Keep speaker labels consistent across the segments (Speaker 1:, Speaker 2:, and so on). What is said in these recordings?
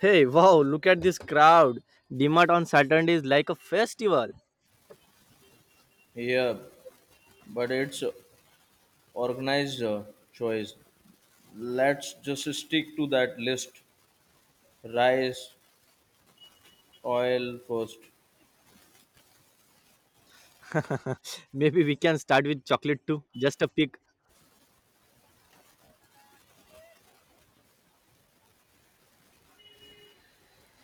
Speaker 1: Hey, wow, look at this crowd. DMart on Saturday is like a festival.
Speaker 2: Yeah, but it's organized choice. Let's just stick to that list. Rice, oil first.
Speaker 1: Maybe we can start with chocolate too. Just a pick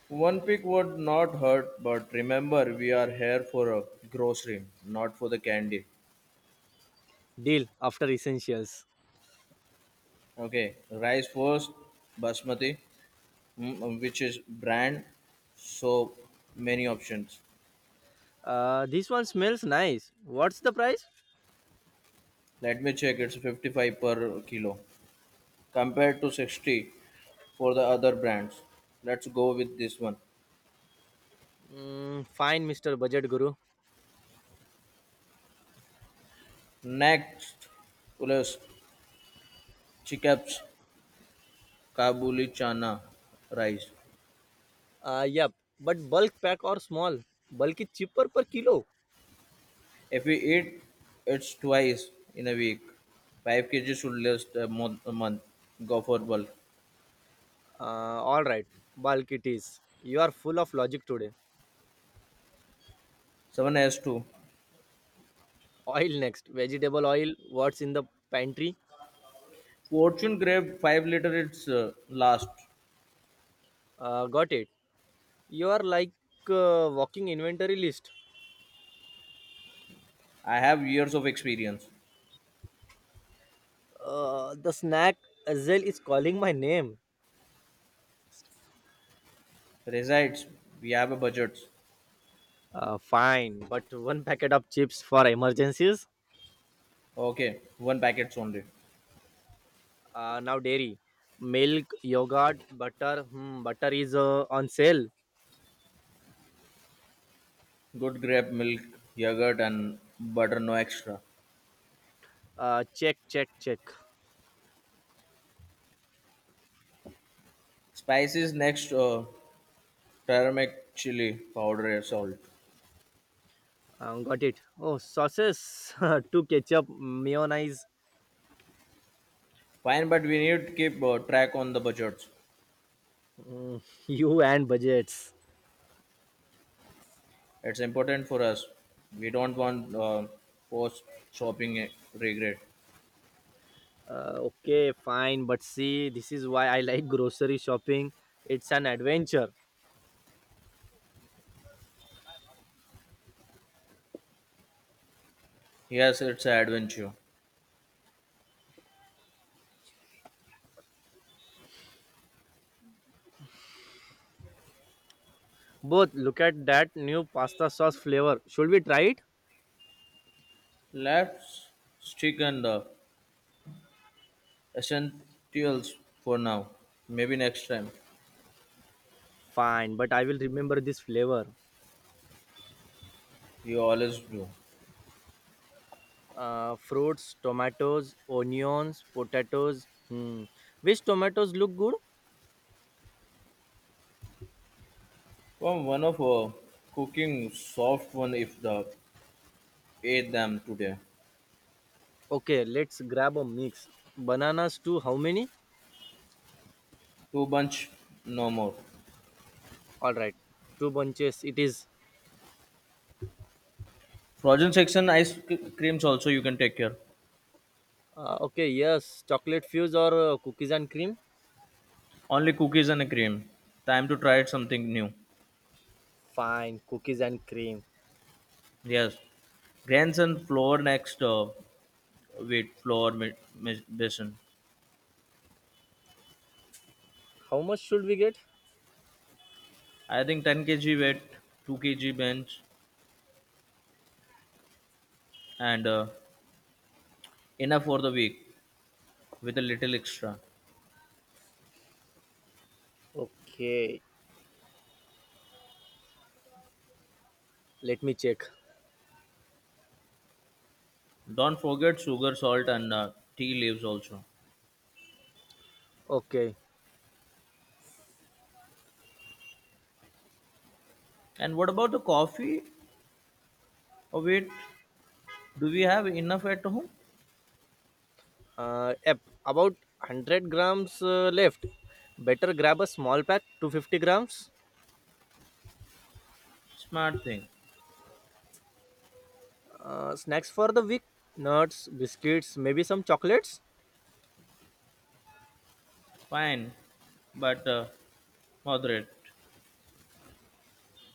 Speaker 2: One pick would not hurt, but remember we are here for a grocery, not for the candy.
Speaker 1: deal after essentials.
Speaker 2: Okay, rice first, basmati, which is brand, so many options.
Speaker 1: This one smells nice. What's the price?
Speaker 2: Let me check, it's 55 per kilo compared to 60 for the other brands. Let's go with this one.
Speaker 1: Mm, fine, Mr. Budget Guru.
Speaker 2: Next follows Chikap's Kabuli Chana rice.
Speaker 1: Yep, but bulk pack or small? Bulk is cheaper per kilo.
Speaker 2: If we eat it twice in a week, 5 kg should last a month. A month. Go for bulk.
Speaker 1: All right, bulk it is. You are full of logic today.
Speaker 2: 7S2.
Speaker 1: Oil next. Vegetable oil. What's in the pantry?
Speaker 2: Fortune grape 5-liter it's last.
Speaker 1: Got it. You are like walking inventory list.
Speaker 2: I have years of experience.
Speaker 1: The snack Azel is calling my name.
Speaker 2: Resides, we have a budget.
Speaker 1: Fine, but one packet of chips for emergencies.
Speaker 2: Okay, one packets only.
Speaker 1: Now dairy, milk, yogurt, butter. Hmm, butter is on sale.
Speaker 2: Good grape milk, yogurt and butter, no extra.
Speaker 1: Check, check, check.
Speaker 2: Spices next, turmeric chili powder, salt.
Speaker 1: Got it. Oh, sauces, two ketchup, mayonnaise,
Speaker 2: Fine, but we need to keep track on the budgets.
Speaker 1: you and budgets.
Speaker 2: It's important for us. We don't want post shopping regret.
Speaker 1: Okay, fine, but see, this is why I like grocery shopping. It's an adventure.
Speaker 2: Yes, it's an adventure.
Speaker 1: Both, look at that new pasta sauce flavor. Should we try it?
Speaker 2: Let's stick on the essentials for now. Maybe next time.
Speaker 1: Fine, but I will remember this flavor.
Speaker 2: You always do.
Speaker 1: Fruits, tomatoes, onions, potatoes. Hmm. Which tomatoes look good?
Speaker 2: From one of cooking soft one if the ate them today.
Speaker 1: Okay, let's grab a mix. Bananas too. How many?
Speaker 2: Two bunch no more.
Speaker 1: All right, two bunches. It is.
Speaker 2: Frozen section creams also you can take care.
Speaker 1: Okay, yes. Chocolate fuse or cookies and cream?
Speaker 2: Only cookies and cream. Time to try something new.
Speaker 1: Fine, cookies and cream.
Speaker 2: Yes, grandson floor next weight floor basin.
Speaker 1: How much should we get?
Speaker 2: I think 10 kg weight, 2 kg bench, and enough for the week with a little extra.
Speaker 1: Okay, let me check.
Speaker 2: Don't forget sugar, salt, and tea leaves also.
Speaker 1: Okay,
Speaker 2: And what about the coffee? Oh, wait, do we have enough at home?
Speaker 1: yep, about 100 grams left. Better grab a small pack, 250 grams.
Speaker 2: Smart thing.
Speaker 1: Snacks for the weak nuts, biscuits, maybe some chocolates.
Speaker 2: Fine, but moderate.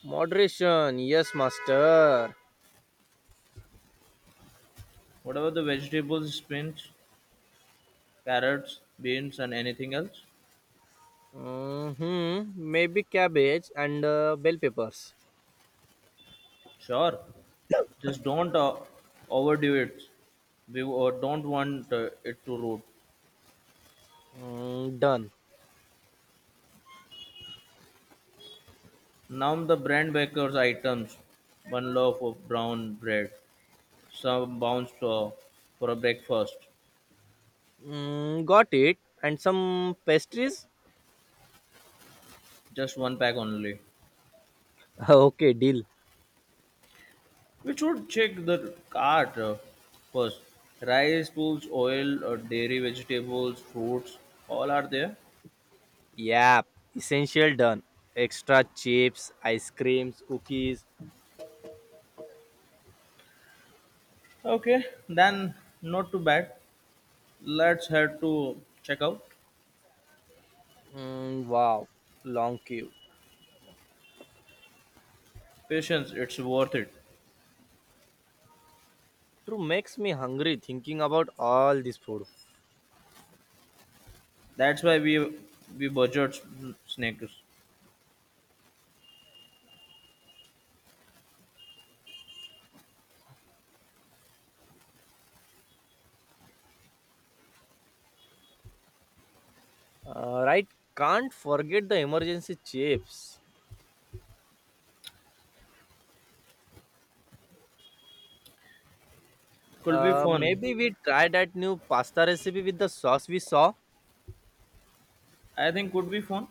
Speaker 1: Moderation, yes, master.
Speaker 2: What about the vegetables, spinach, carrots, beans, and anything else?
Speaker 1: Hmm, maybe cabbage and bell peppers.
Speaker 2: Sure. Just don't overdo it. We don't want it to rot.
Speaker 1: Mm, done.
Speaker 2: Now the brand baker's items: one loaf of brown bread, some bounce for a breakfast,
Speaker 1: Mm, got it. And some pastries.
Speaker 2: just one pack only.
Speaker 1: Okay, deal.
Speaker 2: We should check the cart first. Rice, tools, oil, dairy, vegetables, fruits, all are there.
Speaker 1: Yep. Essential done. Extra chips, ice creams, cookies.
Speaker 2: Okay, then not too bad. Let's head to checkout.
Speaker 1: Mm, wow. Long queue.
Speaker 2: Patience, it's worth it.
Speaker 1: True makes me hungry thinking about all this food.
Speaker 2: That's why we budget snakes.
Speaker 1: Right, can't forget the emergency chips.
Speaker 2: Could be fun.
Speaker 1: Maybe we try that new pasta recipe with the sauce we saw.
Speaker 2: I think could be fun,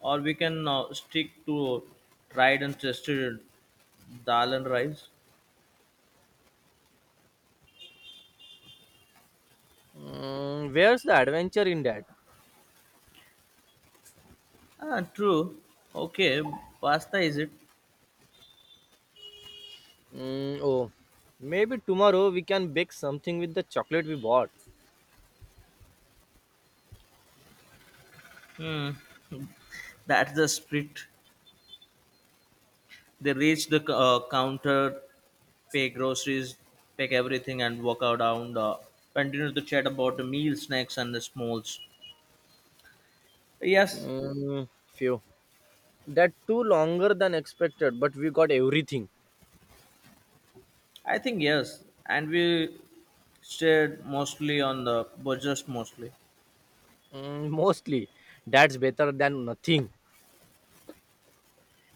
Speaker 2: or we can stick to tried and tested dal and rice.
Speaker 1: Mm, where's the adventure in that?
Speaker 2: Ah, true. Okay, pasta is it?
Speaker 1: Mm, oh, maybe tomorrow we can bake something with the chocolate we bought.
Speaker 2: Hmm. That's the spirit. They reach the counter, pay groceries, pack everything, and walk out down. The, continue to chat about the meal, snacks, and the smalls. Yes,
Speaker 1: Mm, phew. That too longer than expected, but we got everything.
Speaker 2: I think yes, and we stayed mostly on the budget mostly.
Speaker 1: Mm, mostly. That's better than nothing.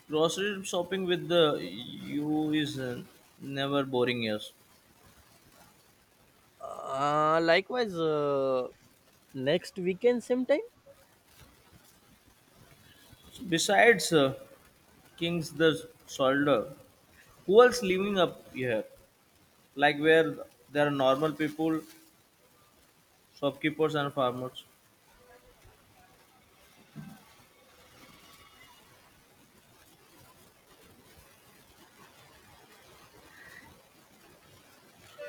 Speaker 2: Grocery shopping with the you is never boring. Yes.
Speaker 1: Likewise, next weekend, same time?
Speaker 2: Besides King's the soldier, who else living up here? Like where there are normal people, shopkeepers and farmers.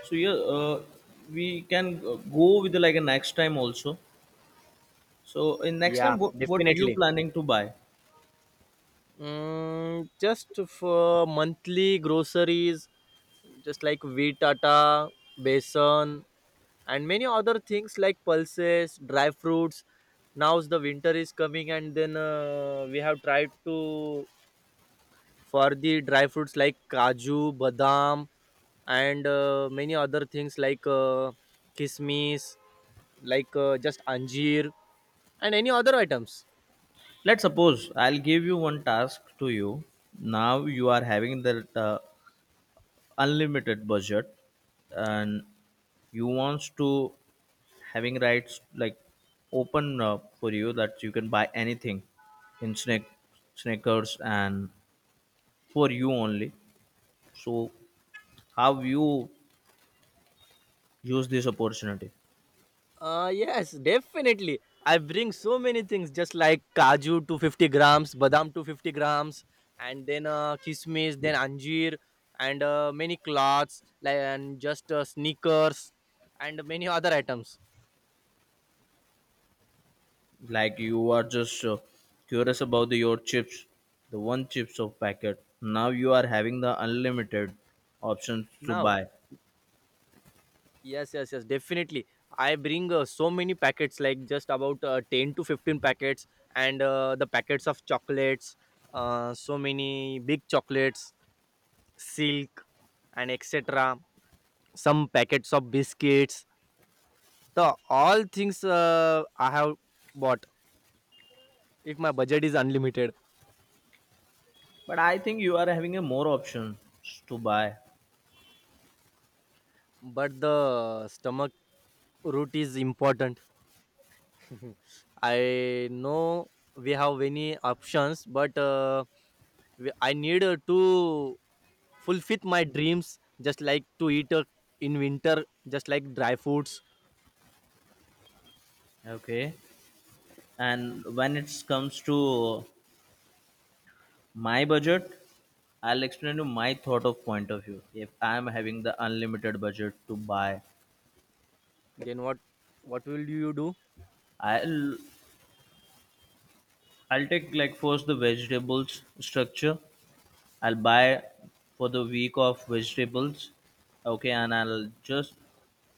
Speaker 2: So yeah, we can go with like a next time also. So in next
Speaker 1: Yeah,
Speaker 2: time, what you
Speaker 1: definitely.
Speaker 2: planning to buy?
Speaker 1: Mm, just for monthly groceries, just like wheat atta, besan, and many other things like pulses, dry fruits. Now the winter is coming, and then we have tried to for the dry fruits like kaju, badam, and many other things like kismis, like just anjir, and any other items.
Speaker 2: Let's suppose I'll give you one task to you. Now you are having that unlimited budget, and you wants to having rights like open for you that you can buy anything in snake sneakers and for you only. So how you use this opportunity?
Speaker 1: Yes, definitely. I bring so many things, just like kaju 250 grams, badam 250 grams, and then kismis, then anjir, and many cloths, like and just sneakers, and many other items.
Speaker 2: Like you are just curious about the, your chips, the one chips of packet. Now you are having the unlimited options to
Speaker 1: Now,
Speaker 2: buy,
Speaker 1: yes, yes, yes, definitely. I bring so many packets, like just about 10 to 15 packets, and the packets of chocolates, so many big chocolates, silk, and etc. Some packets of biscuits. The all things I have bought if my budget is unlimited,
Speaker 2: but I think you are having a more options to buy.
Speaker 1: but the stomach route is important. I know we have many options, but I need to fulfill my dreams, just like to eat in winter, just like dry foods.
Speaker 2: Okay, and when it comes to my budget, I'll explain you my thought of point of view. If I'm having the unlimited budget to buy,
Speaker 1: Then what? What will you do?
Speaker 2: i'll I'll take like first the vegetables structure. I'll buy for the week of vegetables. Okay, and I'll just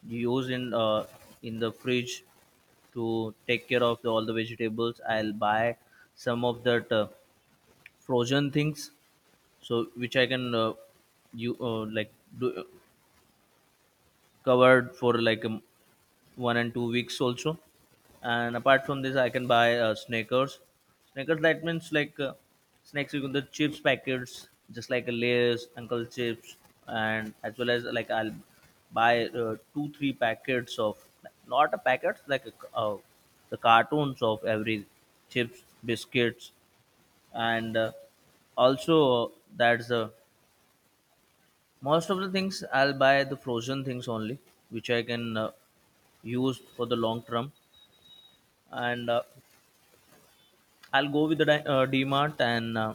Speaker 2: use in the fridge to take care of the, all the vegetables. I'll buy some of that frozen things, so which I can you like do covered for like 1 and 2 weeks also. And apart from this I can buy snackers. Snackers that means like snacks you can the chips packets just like a Lay's uncle chips. And as well as like I'll buy 2 3 packets of not a packet like the cartons of every chips biscuits, and also that's a most of the things I'll buy the frozen things only, which I can use for the long term, and I'll go with the DMart and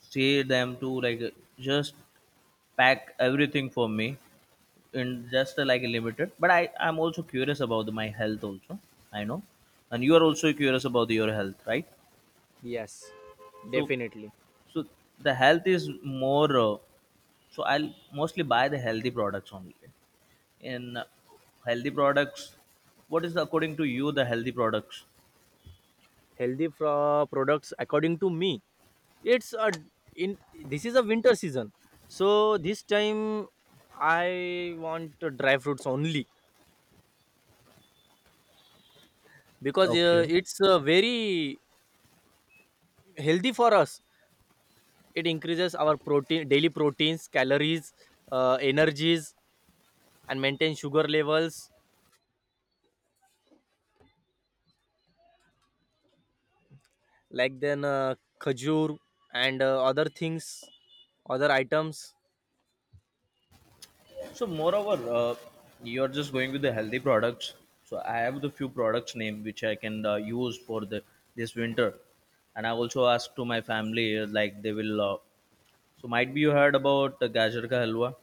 Speaker 2: say them to like just pack everything for me in just like limited. But I'm also curious about my health also. I know, and you are also curious about your health, right?
Speaker 1: Yes,
Speaker 2: So
Speaker 1: definitely.
Speaker 2: So the health is more. So I'll mostly buy the healthy products only. In healthy products, what is the, according to you the healthy products?
Speaker 1: Healthy products, according to me, it's a, in, this is a winter season, so this time I want dry fruits only, because
Speaker 2: Okay.
Speaker 1: it's very healthy for us. It increases our protein, daily proteins, calories, energies, and maintain sugar levels, like then khajur and other things, other items.
Speaker 2: So moreover, you're just going with the healthy products. So I have the few products name which I can use for the this winter, and I also asked to my family like they will. So might be you heard about gajar ka halwa.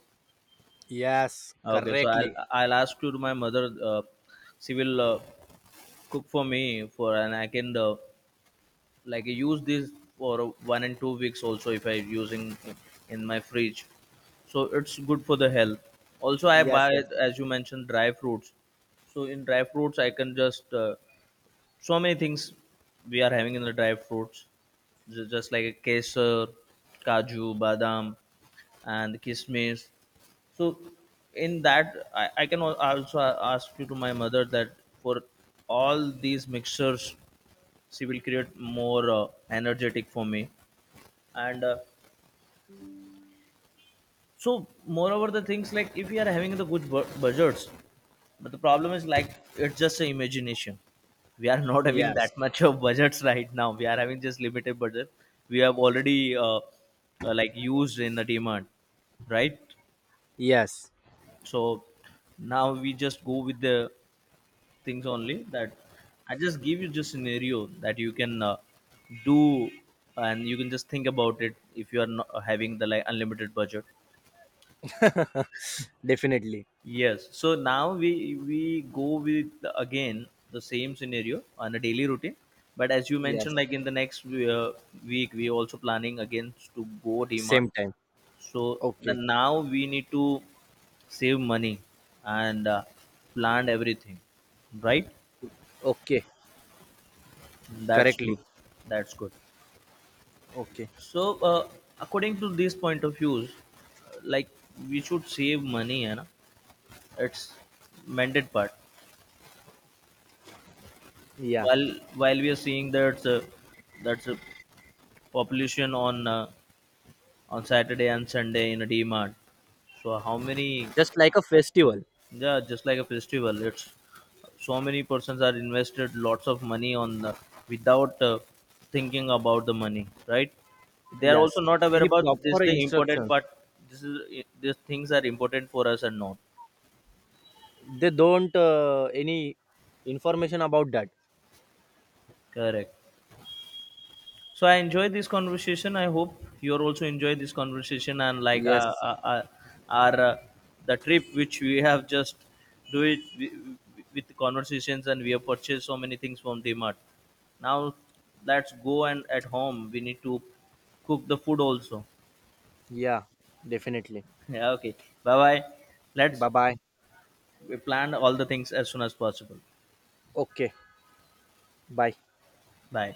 Speaker 1: Yes,
Speaker 2: Okay, so I'll
Speaker 1: correctly.
Speaker 2: I'll ask to my mother. Uh, she will cook for me for, and I can like use this for 1 and 2 weeks also if I using in my fridge, so it's good for the health also I
Speaker 1: Yes,
Speaker 2: buy.
Speaker 1: yes.
Speaker 2: As you mentioned dry fruits, so in dry fruits I can just so many things we are having in the dry fruits, just like a kesar, kaju badam, and kismis. So in that I can also ask you to my mother that for all these mixtures she will create more energetic for me, and so, moreover, the things like if we are having the good budgets, but the problem is like it's just a imagination. We are not having
Speaker 1: Yes,
Speaker 2: that much of budgets right now. We are having just limited budget. We have already like used in the demand, right?
Speaker 1: yes,
Speaker 2: So now we just go with the things only that I just give you just scenario that you can do, and you can just think about it if you are not having the like unlimited budget.
Speaker 1: definitely.
Speaker 2: Yes. So now we go with the again the same scenario on a daily routine, but as you
Speaker 1: Yes.
Speaker 2: mentioned, like in the next week, we also planning again to go demand.
Speaker 1: Same time.
Speaker 2: So the,
Speaker 1: Okay.
Speaker 2: now we need to save money and plan everything, right?
Speaker 1: Okay,
Speaker 2: That's good.
Speaker 1: correctly.
Speaker 2: That's good.
Speaker 1: Okay.
Speaker 2: So according to this point of views, like we should save money, and it's mandate part
Speaker 1: Yeah,
Speaker 2: while while we are seeing that that's a population on Saturday and Sunday in a D mart. So how many?
Speaker 1: just like a festival.
Speaker 2: Yeah, just like a festival, it's so many persons are invested lots of money on the, without thinking about the money, right? They are also
Speaker 1: Yes.
Speaker 2: not aware
Speaker 1: Any
Speaker 2: about this.
Speaker 1: proper
Speaker 2: The important
Speaker 1: instructions?
Speaker 2: part, this is this things are important for us or not
Speaker 1: They don't any information about that.
Speaker 2: correct. So I enjoyed this conversation. I hope you are also enjoyed this conversation and like
Speaker 1: Yes.
Speaker 2: our the trip which we have just do it with the conversations, and we have purchased so many things from Mart. Now let's go and at home we need to cook the food also.
Speaker 1: Yeah, definitely.
Speaker 2: Yeah, okay. Bye bye. Let's
Speaker 1: Bye bye.
Speaker 2: plan all the things as soon as possible.
Speaker 1: Okay, bye.
Speaker 2: Bye.